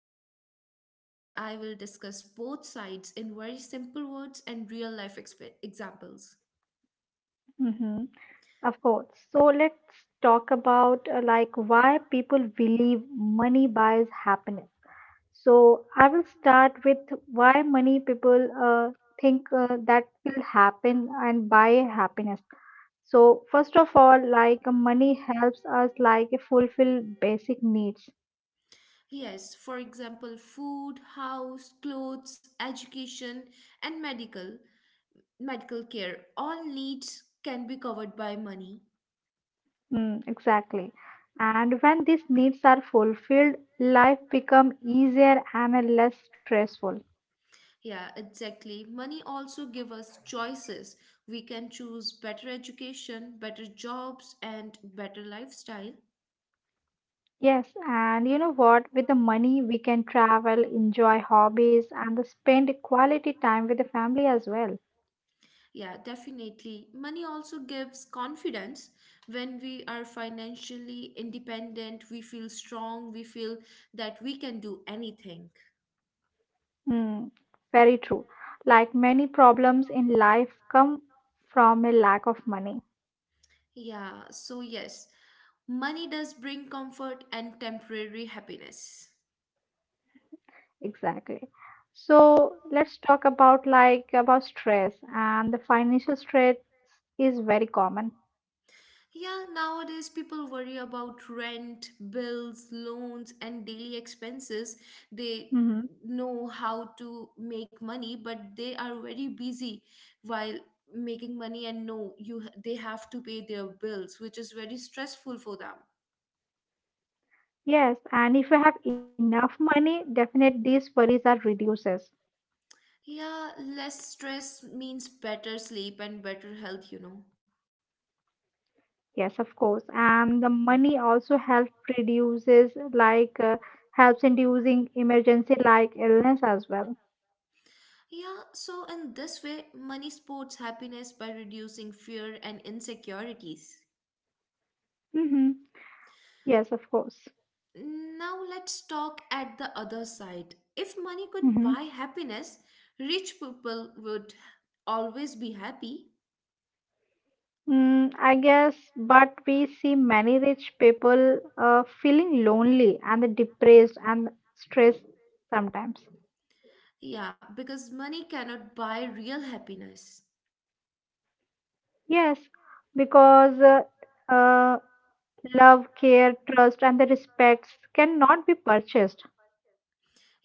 today Anjali and I will discuss both sides in very simple words and real life examples. hmm Of course. So let's talk about like why people believe money buys happiness. So I will start with why many people think that will happen and buy happiness. So first of all, like money helps us like fulfill basic needs. Yes, for example, food, house, clothes, education, and medical care all needs can be covered by money. Mm, exactly. And when these needs are fulfilled, life become easier and less stressful. Yeah, exactly. Money also give us choices. We can choose better education, better jobs, and better lifestyle. Yes, and you know what? With the money, we can travel, enjoy hobbies, and spend quality time with the family as well. Yeah, definitely. Money also gives confidence. When we are financially independent, we feel strong, we feel that we can do anything. Hmm, very true. Like many problems in life come from a lack of money. Yeah, so yes, money does bring comfort and temporary happiness. Exactly. So let's talk about like about stress and the financial stress is very common. Yeah, nowadays people worry about rent, bills, loans, and daily expenses. They hmm know how to make money, but they are very busy while making money and know you they have to pay their bills, which is very stressful for them. Yes, and if you have enough money, definitely these worries are reduces. Yeah, less stress means better sleep and better health. Yes, of course. And the money also helps reduces like helps in reducing emergency like illness as well. Yeah, so in this way, money supports happiness by reducing fear and insecurities. hmm Yes, of course. Now let's talk at the other side. If money could Mm-hmm. buy happiness, rich people would always be happy. Mm, I guess, but we see many rich people feeling lonely and depressed and stressed sometimes. Yeah, because money cannot buy real happiness. Yes, because uh, love, care, trust, and the respects cannot be purchased.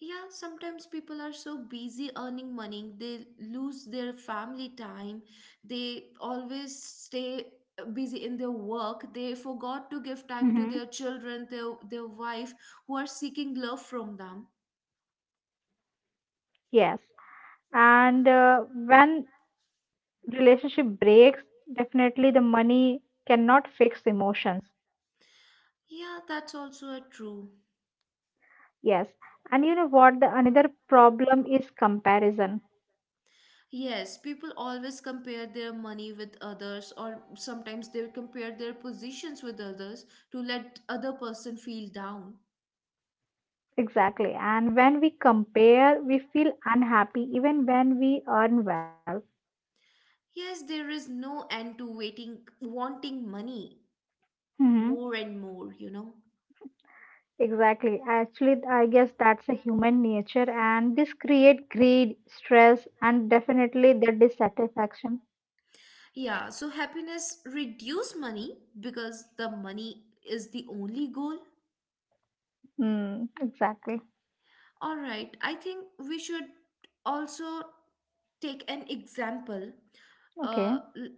Yeah, sometimes people are so busy earning money, they lose their family time, they always stay busy in their work, they forgot to give time to hmm their children, their wife, who are seeking love from them. Yes, and when relationship breaks, definitely the money cannot fix emotions. Yeah, that's also a true. Yes, and you know what? The another problem is comparison. Yes, people always compare their money with others or sometimes they compare their positions with others to let other person feel down. Exactly. And when we compare, we feel unhappy even when we earn well. Yes, there is no end to waiting wanting money hmm more and more. Exactly. Actually, I guess that's a human nature, and this create greed, stress, and definitely the dissatisfaction. Yeah, so happiness reduce money because the money is the only goal. Mm, exactly. All right, I think we should also take an example Okay. uh, l-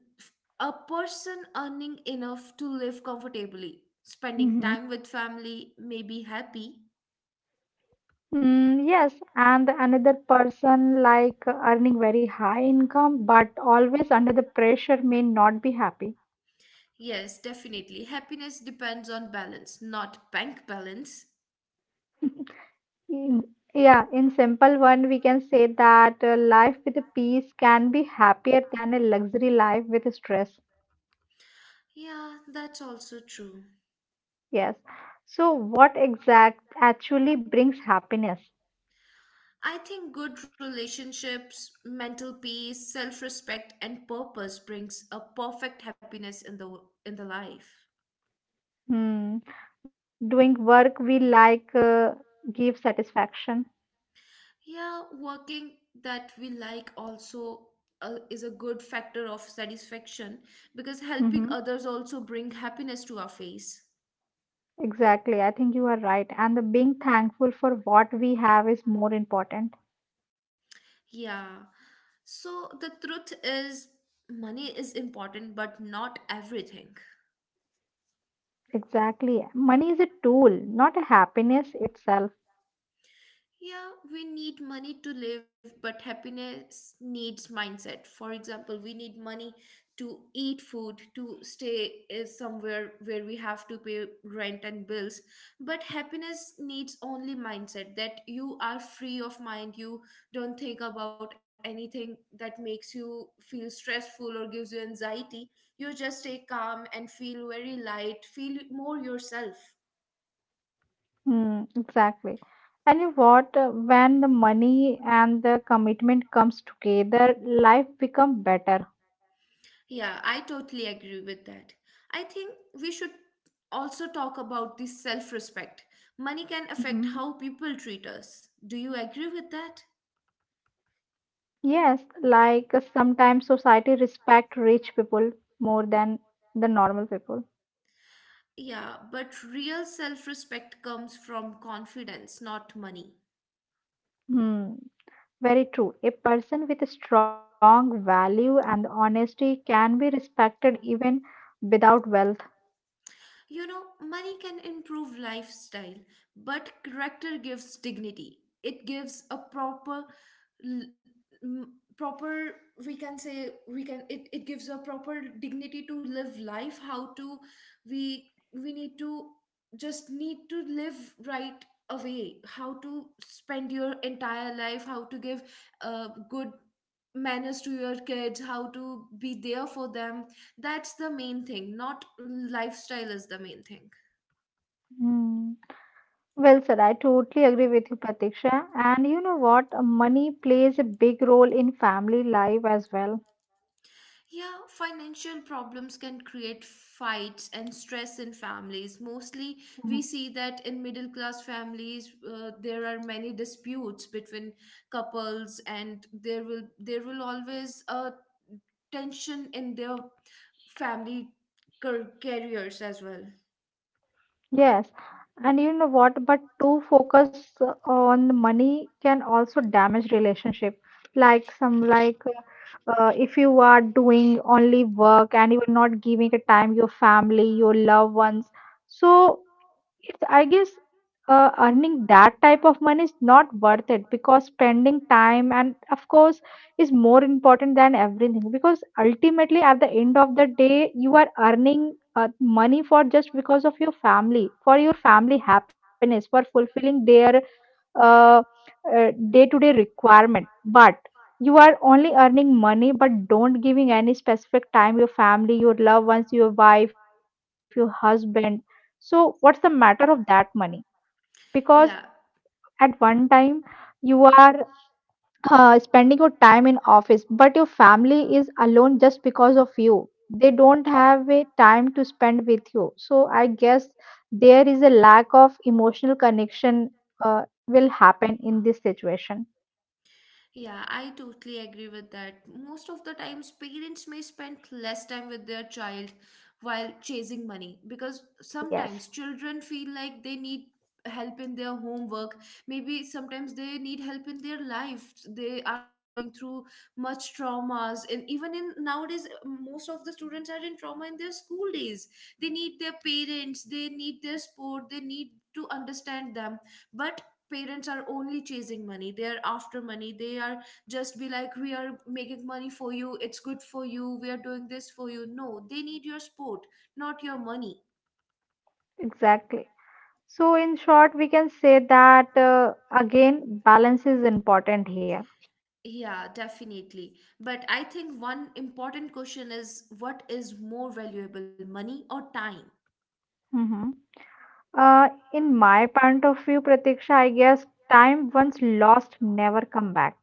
a person earning enough to live comfortably spending Mm-hmm. time with family may be happy. Mm, yes, and the another person like earning very high income, but always under the pressure may not be happy. Yes, definitely happiness depends on balance, not bank balance. In- Yeah, in simple one, we can say that life with a peace can be happier than a luxury life with stress. Yeah, that's also true. Yes. So, what exact actually brings happiness? I think good relationships, mental peace, self-respect and purpose brings a perfect happiness in the life. Hmm. Doing work we like give satisfaction. Yeah, working that we like also is a good factor of satisfaction because helping Mm-hmm. others also bring happiness to our face. Exactly. I think you are right. And the being thankful for what we have is more important. Yeah. So the truth is money is important but not everything. Exactly. Money is a tool, not a happiness itself. Yeah, we need money to live, but happiness needs mindset. For example, we need money to eat food, to stay somewhere where we have to pay rent and bills. But happiness needs only mindset that you are free of mind, you don't think about anything that makes you feel stressful or gives you anxiety. You just stay calm and feel very light, feel more yourself. Mm, exactly. And you what? When the money and the commitment comes together, life become better. Yeah, I totally agree with that. I think we should also talk about the self respect. Money can hmm affect how people treat us. Do you agree with that? Yes, like sometimes society respect rich people more than the normal people. Yeah, but real self respect comes from confidence, not money. Hmm, very true. A person with a strong value and honesty can be respected even without wealth. You know, money can improve lifestyle, but character gives dignity. It gives a proper, l- proper, we can say, we can, it gives a proper dignity to live life, how to, we, we need to, just need to live right away, how to spend your entire life, how to give good manners to your kids, how to be there for them, that's the main thing, not lifestyle is the main thing. Hmm. Well, sir, I totally agree with you, Pratiksha. And you know what? Money plays a big role in family life as well. Yeah, financial problems can create fights and stress in families. Mostly, we Mhm. see that in middle class families, there are many disputes between couples, and there will always a tension in their family careers as well. Yes. And you know what? But too focus on money can also damage relationship. Like some like if you are doing only work and you are not giving a time your family, your loved ones. So it's I guess earning that type of money is not worth it, because spending time and of course is more important than everything, because ultimately at the end of the day you are earning money for just because of your family, for your family happiness, for fulfilling their uh, day-to-day requirement, but you are only earning money but don't giving any specific time your family, your loved ones, your wife, your husband. So what's the matter of that money, because Yeah. at one time you are spending your time in office, but your family is alone just because of you. They don't have a time to spend with you, so I guess there is a lack of emotional connection will happen in this situation. Yeah, I totally agree with that. Most of the times, parents may spend less time with their child while chasing money because Yes, sometimes children feel like they need help in their homework. Maybe sometimes they need help in their life. They are going through much traumas, and even in nowadays, most of the students are in trauma in their school days. They need their parents, they need their sport, they need to understand them, but parents are only chasing money. They are after money. They are just be like, we are making money for you, it's good for you, we are doing this for you. No, they need your support, not your money. exactly. So in short we can say that again, balance is important here. Yeah, definitely. But I think one important question is, what is more valuable, money or time? hmm in my point of view, Pratiksha, I guess time once lost never come back.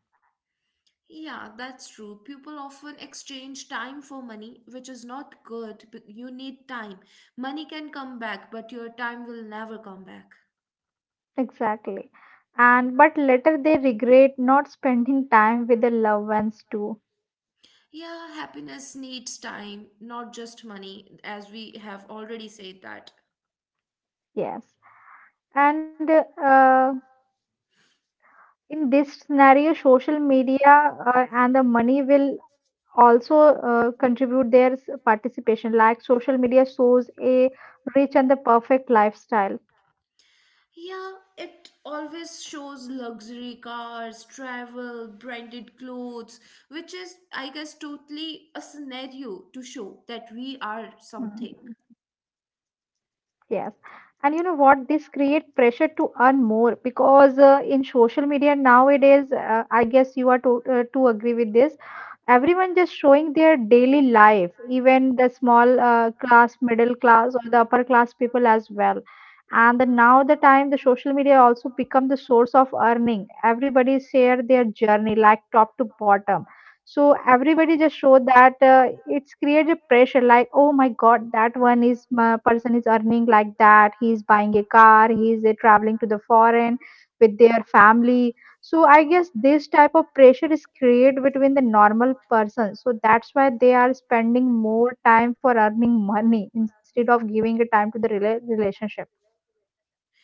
Yeah, that's true. People often exchange time for money, which is not good. You need time. Money can come back, but your time will never come back. Exactly. And but later they regret not spending time with the loved ones too. Yeah, happiness needs time, not just money, as we have already said that. Yes. And in this scenario, social media and the money will also contribute their participation. Like social media shows a rich and the perfect lifestyle. Yeah, it always shows luxury cars, travel, branded clothes, which is, I guess, totally a scenario to show that we are Hmm. something. Yes. And you know what? This create pressure to earn more, because in social media nowadays, I guess you are to agree with this. Everyone just showing their daily life, even the small class, middle class, or the upper class people as well. And the, now the time the social media also become the source of earning. Everybody share their journey like top to bottom. So everybody just show that it's created pressure like, oh my God, that one is my person is earning like that, he's buying a car, he's traveling to the foreign with their family. So I guess this type of pressure is created between the normal person, so that's why they are spending more time for earning money instead of giving a time to the relationship.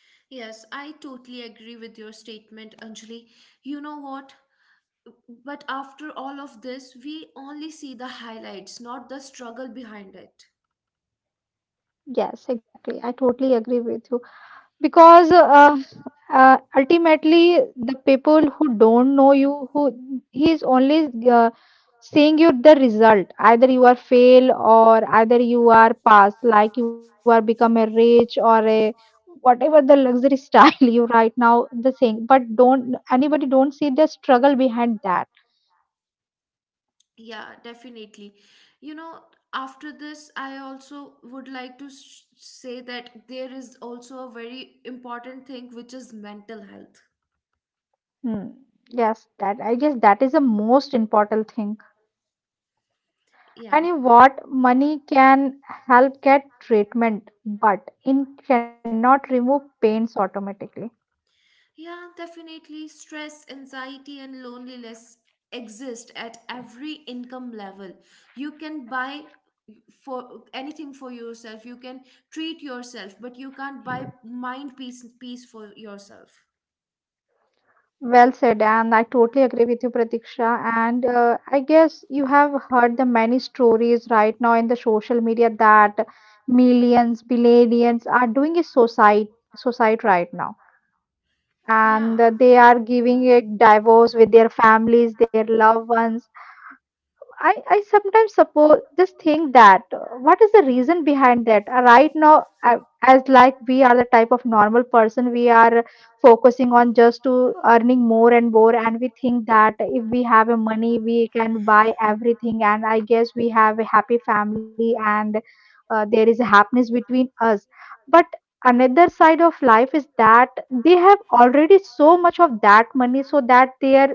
Yes, I totally agree with your statement, Anjali. You know what? But after all of this, we only see the highlights, not the struggle behind it. Yes, exactly. I totally agree with you. Because ultimately the people who don't know you, who he is, only seeing you the result, either you are fail or either you are pass, like you are become a rich or a whatever the luxury style you right now the thing, but don't anybody don't see the struggle behind that. Yeah, definitely. You know, after this, I also would like to s say that there is also a very important thing, which is mental health. Hmm. Yes, that I guess that is the most important thing. Yeah. And in what money can help get treatment, but it cannot remove pains automatically. Yeah, definitely. Stress, anxiety, and loneliness exist at every income level. You can buy for anything for yourself, you can treat yourself, but you can't buy mind peace for yourself. Well said, and I totally agree with you, Pratiksha. And I guess you have heard the many stories right now in the social media that millions, billions are doing a suicide, suicide right now, Yeah. and they are giving a divorce with their families, their loved ones. I sometimes suppose just think that what is the reason behind that. Right now as like we are the type of normal person, we are focusing on just to earning more and more, and we think that if we have a money we can buy everything and I guess we have a happy family and there is a happiness between us, but another side of life is that they have already so much of that money so that they are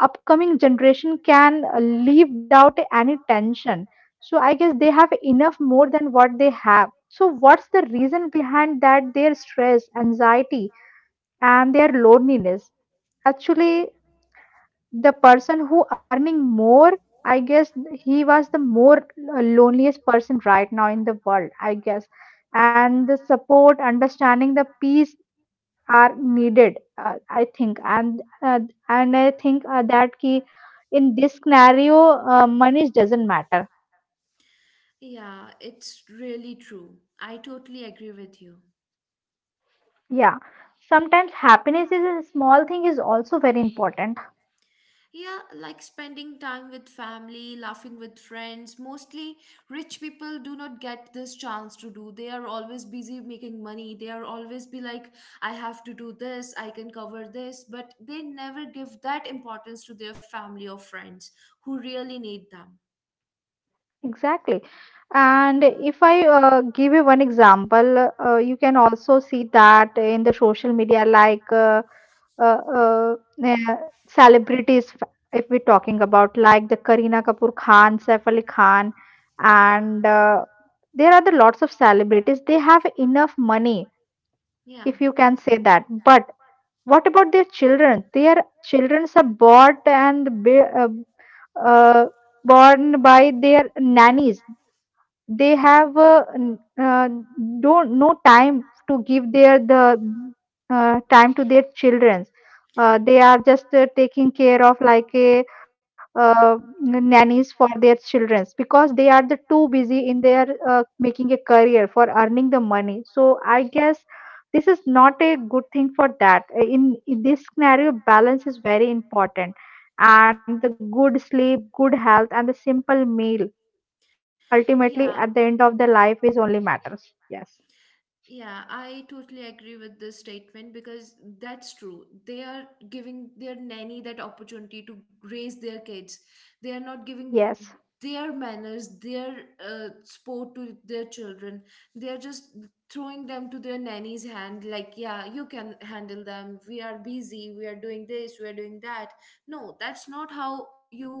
upcoming generation can live without any tension. So I guess they have enough more than what they have, so what's the reason behind that their stress, anxiety and their loneliness. Actually, the person who earning more, I guess he was the more loneliest person right now in the world, I guess, and the support, understanding, the peace are needed, I think, and and I think that key in this scenario, money doesn't matter. Yeah, it's really true. I totally agree with you. Yeah, sometimes happiness is a small thing is also very important. Yeah, like spending time with family, laughing with friends. Mostly rich people do not get this chance to do. They are always busy making money. They are always be like, I have to do this, I can cover this. But they never give that importance to their family or friends who really need them. Exactly. And if I give you one example, you can also see that in the social media, like uh, uh, uh, celebrities, if we're talking about like the Kareena Kapoor Khan, Saif Ali Khan, Yeah. and there are the lots of celebrities. They have enough money, Yeah. if you can say that. But what about their children? Their children are bought and be, uh, born by their nannies. They have don't no time to give their the time to their children. They are just taking care of like a nannies for their children because they are the too busy in their making a career for earning the money. So I guess this is not a good thing for that. In this scenario, balance is very important, and the good sleep, good health, and the simple meal Yeah. ultimately, at the end of the life is only matters. Yes. Yeah, I totally agree with this statement because that's true. They are giving their nanny that opportunity to raise. They are not Yes, their children. They are just throwing. Yeah, you can handle. We are busy. That no, that's not how you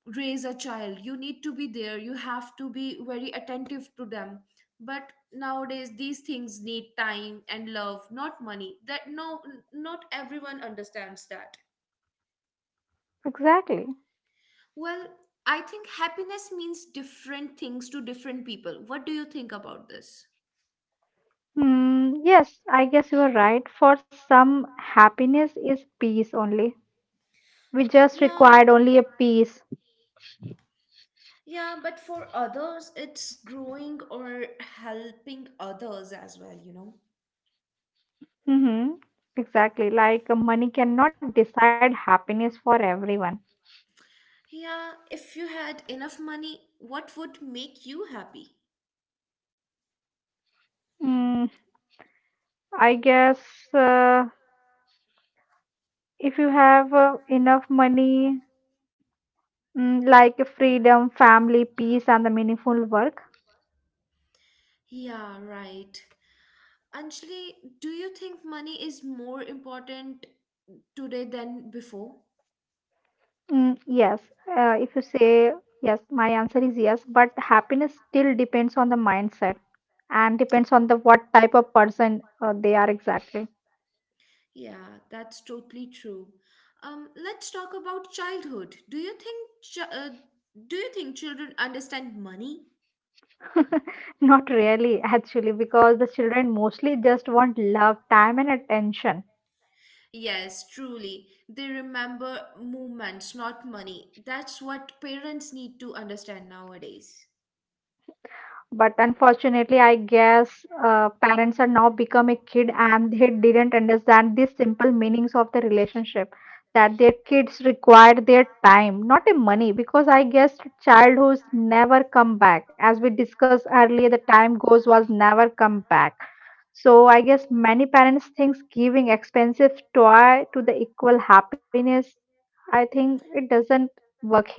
raise a child. You need to be there, you have to be very attentive to them, but nowadays these things need time and love, not money. That no, not everyone understands that. exactly. Well, I think happiness means different things to different people. What do you think about this? Hmm, yes, I guess you are right. For some, happiness is peace only. We just Yeah, required only a peace. yeah, but for others, it's growing or helping others as well. Mm-hmm. Exactly. Like money cannot decide happiness for everyone. Yeah, if you had enough money, what would make you happy? Mm, I guess uh, if you have enough money, mm, like freedom, family, peace, and the meaningful work. Yeah, right. Anjali, do you think money is more important today than before? Mm, yes, if you say yes, my answer is yes, but happiness still depends on the mindset and depends on the what type of person they are exactly. Yeah, that's totally true. Let's talk about childhood. Do you think children understand money? Not really, actually, because the children mostly just want love, time, and attention. Yes, truly. They remember movements, not money. That's what parents need to understand nowadays. But unfortunately, I guess parents are now become a kid and they didn't understand the simple meanings of the relationship, that their kids require their time, not a money, because I guess childhoods never come back. As we discussed earlier, the time goes was never come back. So I guess many parents thinks giving expensive toy to the equal happiness. I think it doesn't work here.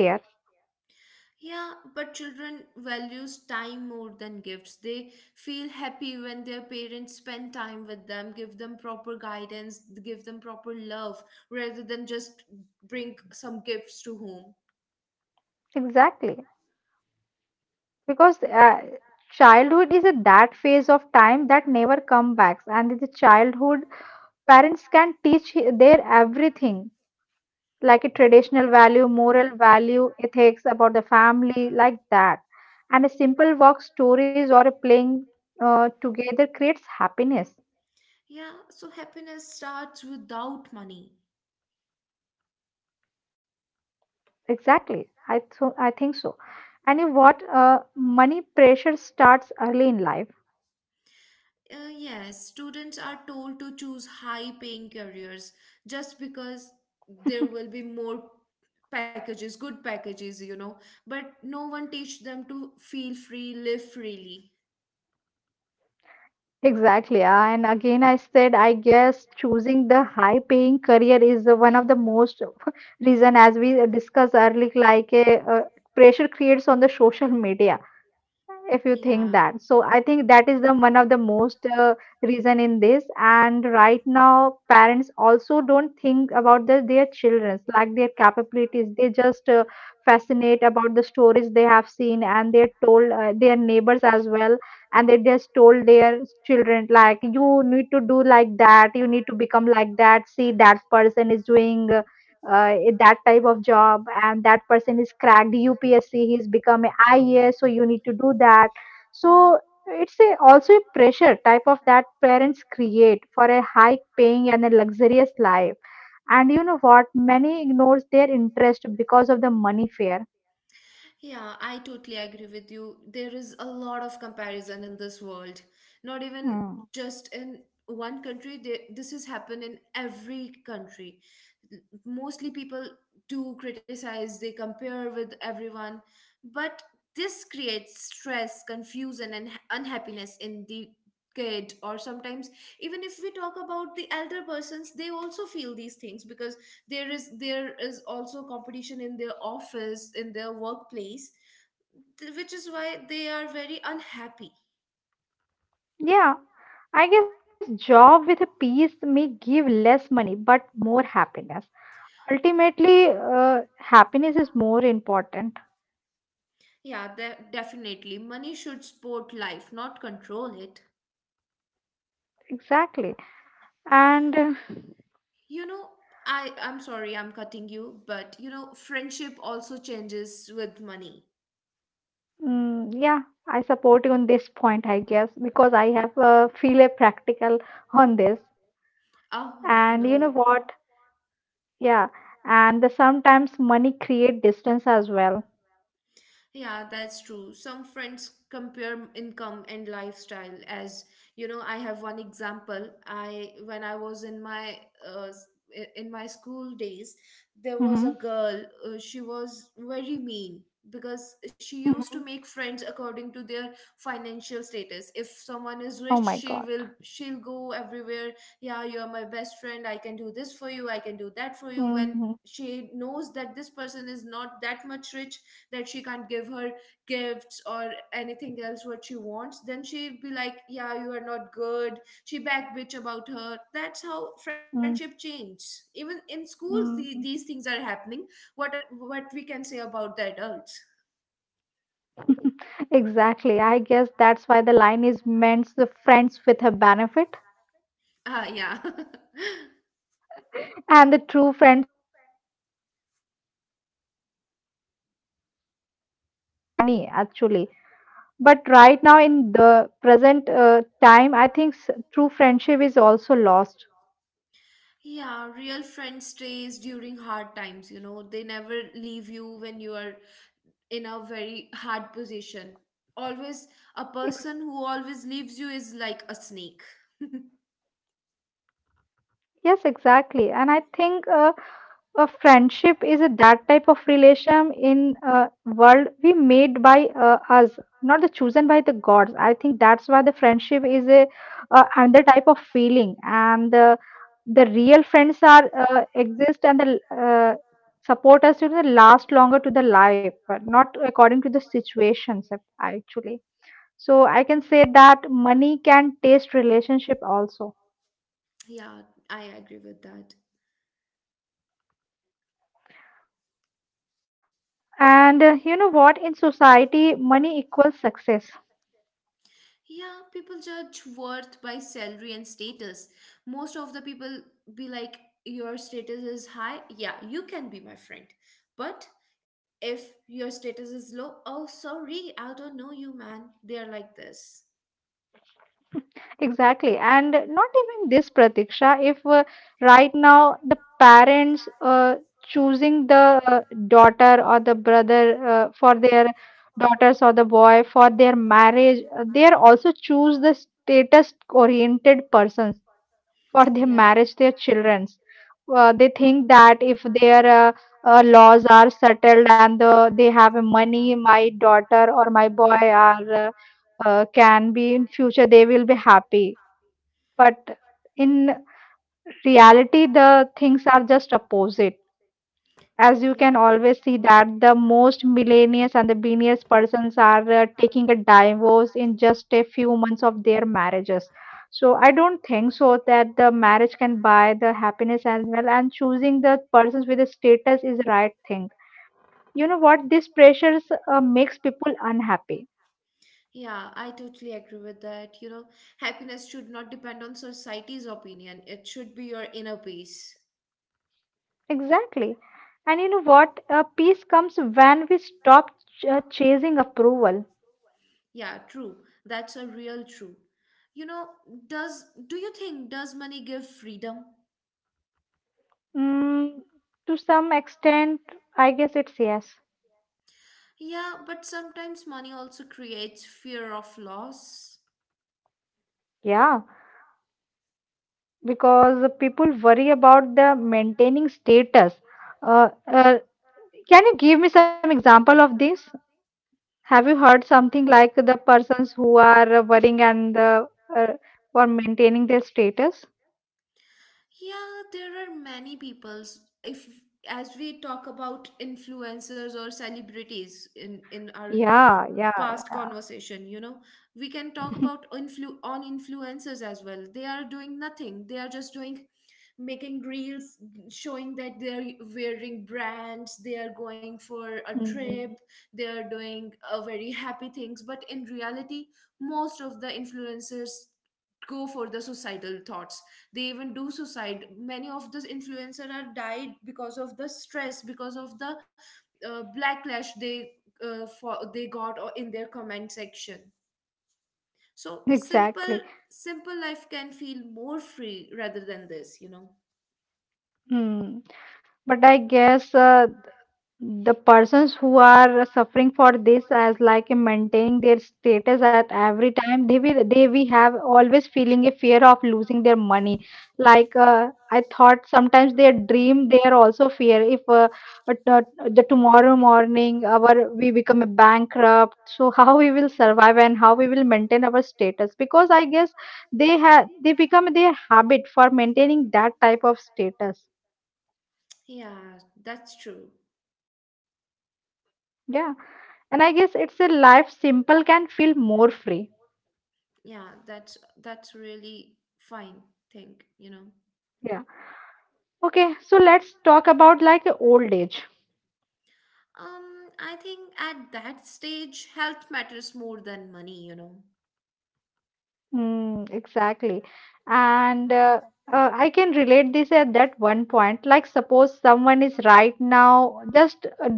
Yeah, but children values time more than gifts. They feel happy when their parents spend time with them, give them proper guidance, give them proper love, rather than just bring some gifts to home. Exactly. Because uh, childhood is a that phase of time that never come back, and in the childhood parents can teach their everything, like a traditional value, moral value, ethics about the family, like that, and a simple walk, stories, or a playing together creates happiness. Yeah, so happiness starts without money. Exactly. I think so. And you what? Money pressure starts early in life. Yes, students are told to choose high-paying careers just because there will be more packages, good packages, but no one teach them to feel free, live freely. Exactly. And again, I said, I guess choosing the high-paying career is one of the most reason, as we discussed earlier, like a, pressure creates on the social media. If you Yeah. think that, so I think that is the one of the most reason in this. And right now parents also don't think about the, their children's, like their capabilities. They just fascinate about the stories they have seen, and they told their neighbors as well. And they just told their children, like, you need to do like that, you need to become like that. See, that person is doing in that type of job, and that person is cracked UPSC, he's become a IAS, so you need to do that. So it's a, also a pressure type of that parents create for a high paying and a luxurious life. And you know what? Many ignores their interest because of the money fear. Yeah, I totally agree with you. There is a lot of comparison in this world. Not even Hmm. just in one country, this has happened in every country. Mostly people do criticize, they compare with everyone, but this creates stress, confusion, and unhappiness in the kid, or sometimes even if we talk about the elder persons, they also feel these things because there is also competition in their office, in their workplace, which is why they are very unhappy. Yeah, I guess job with a peace may give less money but more happiness. Ultimately, happiness is more important. Yeah, definitely money should support life, not control it. Exactly. And You know, I'm sorry, I'm cutting you, but friendship also changes with money. mm, yeah, I support you on this point, I guess, because I have feel a practical on this. Oh, And no. you know what? Yeah, and the sometimes money create distance as well. Yeah, that's true. Some friends compare income and lifestyle as, I have one example. I when I was in my uh, s- school days, there was a Mm-hmm. girl, she was very mean because she used Mm-hmm. to make friends according to their financial status. If someone is Oh rich, my she God. will she'll go everywhere. Yeah, you're my best friend. I can do this for you. I can do that for you. When Mm, she knows that this person is not that much rich, that she can't give her gifts or anything else what she wants, then she'd be like, yeah, you are not good. She back bitch about her. That's how friendship mm, changes. Even in schools, these mm. things are happening. What we can say about the adults? Exactly. I guess that's why the line is meant, the friends with a benefit Ah, yeah. and the true friends. But you know what, Pratiksha? True friendship is not about the money actually. But right now, in the present time, I think true friendship is also lost. Yeah, real friend stays during hard times. They never leave you when you are in a very hard position. Always a Ex- person who always leaves you is like a snake. yes, exactly. And I think a friendship is a, that type of relation in a world we made by us, not the chosen by the gods. I think that's why the friendship is a another type of feeling, and the real friends are exist, and the uh, support us to the last longer to the life, but not according to the situations actually. So I can say that money can taste relationship also. Yeah, I agree with that. And you know what? In society, money equals success. Yeah, people judge worth by salary and status. Most of the people be like, your status is high, yeah, you can be my friend. But if your status is low, oh, sorry, I don't know you, man. They are like this. Exactly. And not even this, Pratiksha, if right now the parents choosing the daughter or the brother for their daughters or the boy for their marriage, they are also choose the status oriented persons for their Yeah. marriage, their children's. They think that if their laws are settled, and the, they have money, my daughter or my boy are can be in future, they will be happy. But in reality, the things are just opposite, as you can And yeah. always see that the most millennials and the billionaires persons are taking a divorce in just a few months of their marriages. So I don't think so that the marriage can buy the happiness as well, and choosing the persons with the status is the right thing. You know what, this pressures makes people unhappy. Yeah, I totally agree with that. Happiness should not depend on society's opinion. It should be your inner peace. Exactly. And you know what? Peace comes when we stop chasing approval. Yeah, true. That's a real true. You know, does do you think does money give freedom? Mm, to some extent I guess it's yes. Yeah, but sometimes money also creates fear of loss. Yeah, because people worry about the maintaining status. Uh, uh, can you give me some example of this? Have you heard something like the persons who are worrying and uh, for maintaining their status? Yeah, there are many peoples. If as we talk about influencers or celebrities in our Yeah, yeah, past conversation, we can talk yeah. about influencers as well. They are doing nothing. They are just doing making reels, showing that they are wearing brands, they are going for a trip, Mhm. they are doing very happy things, but in reality most of the influencers go for the societal thoughts. They even do suicide. Many of those influencer are died because of the stress, because of the backlash they for they got, or in their comment section. So simple Exactly. simple life can feel more free rather than this. Hmm. But I guess the persons who are suffering for this, as like in maintaining their status at every time, they will, they we have always feeling a fear of losing their money. Like I thought sometimes their dream, they are also fear if uh, the tomorrow morning, our we become a bankrupt. So how we will survive and how we will maintain our status? Because I guess they have, they become their habit for maintaining that type of status. Yeah, that's true. Yeah. And I guess it's a life simple can feel more free. Yeah, that's really fine thing. Yeah. Okay, so let's talk about like old age. I think at that stage health matters more than money. Mm, exactly. And I can relate this at that one point. Like, suppose someone is right now, just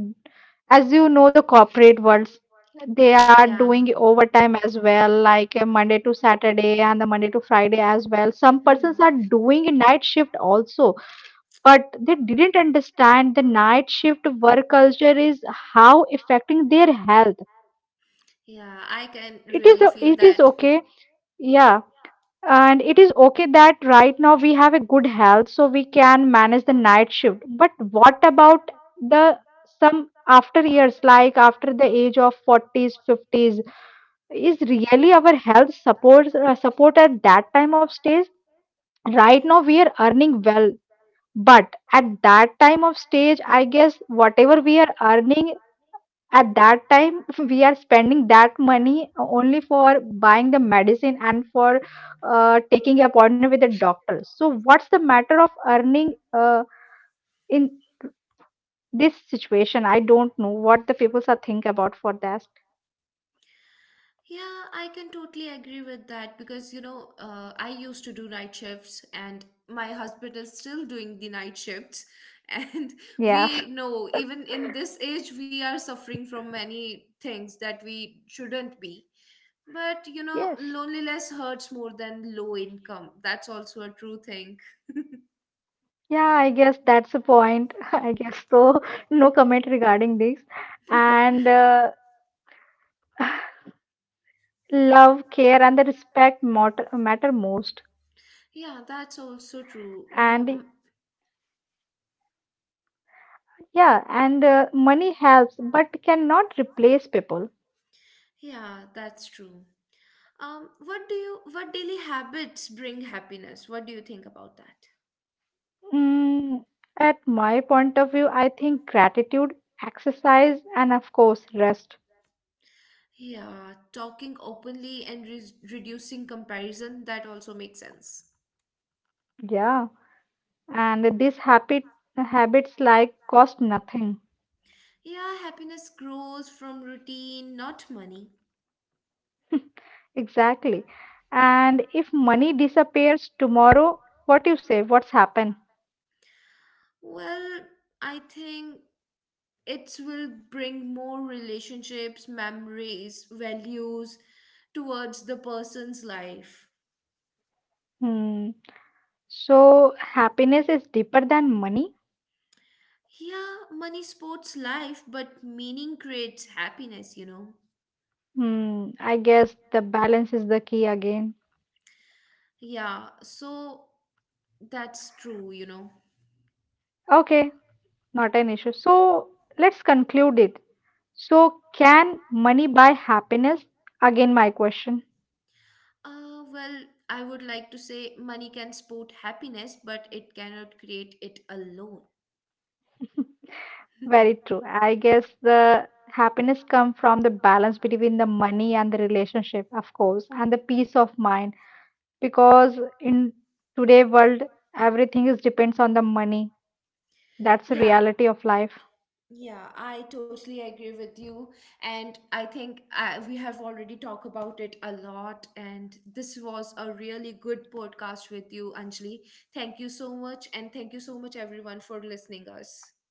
as you know, the corporate worlds, they are doing overtime as well, like Monday to Saturday, and the Monday to Friday as well. Some persons Hmm. are doing a night shift also, but they didn't understand the night shift work culture is how affecting their health. Yeah, I It can is, really it feel is that. okay. Yeah. And it is okay that right now we have a good health, so we can manage the night shift. But what about the some after years, like after the age of 40s, 50s? Is really our health support support at that time of stage? Right now we are earning well, but at that time of stage, I guess whatever we are earning at that time, we are spending that money only for buying the medicine and for taking appointment with the doctor. So what's the matter of earning in this situation? I don't know what the people are think about for that. Yeah, I can totally agree with that because I used to do night shifts and my husband is still doing the night shifts. And Yes. we know even in this age, we are suffering from many things that we shouldn't be. But yes. loneliness hurts more than low income. That's also a true thing. Yeah, I guess that's the point. I guess so. No comment regarding this. And love, care, and the respect matter, matter most. Yeah, that's also true. You know, And mm, yeah, and money helps but cannot replace people. yeah, that's true. What daily habits bring happiness? What do you think about that? Mm, at my point of view, I think gratitude, exercise, and of course, rest. Yeah, talking openly and reducing comparison, that also makes sense. Yeah, and these habit, habits like cost nothing. Yeah, happiness grows from routine, not money. Exactly. And if money disappears tomorrow, what you say? What's happened? Well, I think it will bring more relationships, memories, values towards the person's life. Hmm. So happiness is deeper than money. Yeah, money supports life, but meaning creates happiness. Hmm. I guess the balance is the key again. Yeah, so that's true. Okay, not an issue. So let's conclude it. So, can money buy happiness? Again, my question. Well, I would like to say money can support happiness, but it cannot create it alone. Very true. I guess the happiness comes from the balance between the money and the relationship, of course, and the peace of mind. Because in today world, everything is depends on the money. That's the Yeah, reality of life. yeah, I totally agree with you. And I think we have already talked about it a lot. And this was a really good podcast with you, Anjali. Thank you so much. And thank you so much, everyone, for listening us.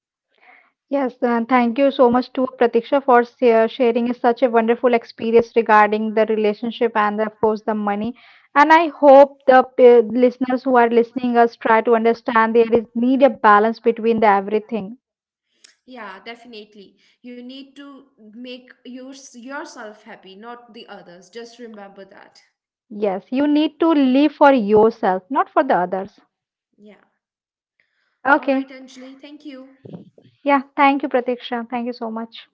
Yes, and thank you so much to Pratiksha for sharing such a wonderful experience regarding the relationship and of course the money. And I hope the listeners who are listening us try to understand there is need a balance between the everything. Yeah, definitely. You need to make yourself happy, not the others. Just remember that. Yes, you need to live for yourself, not for the others. Yeah. All Okay. right, Anjali, thank you. Yeah, thank you, Pratiksha. Thank you so much.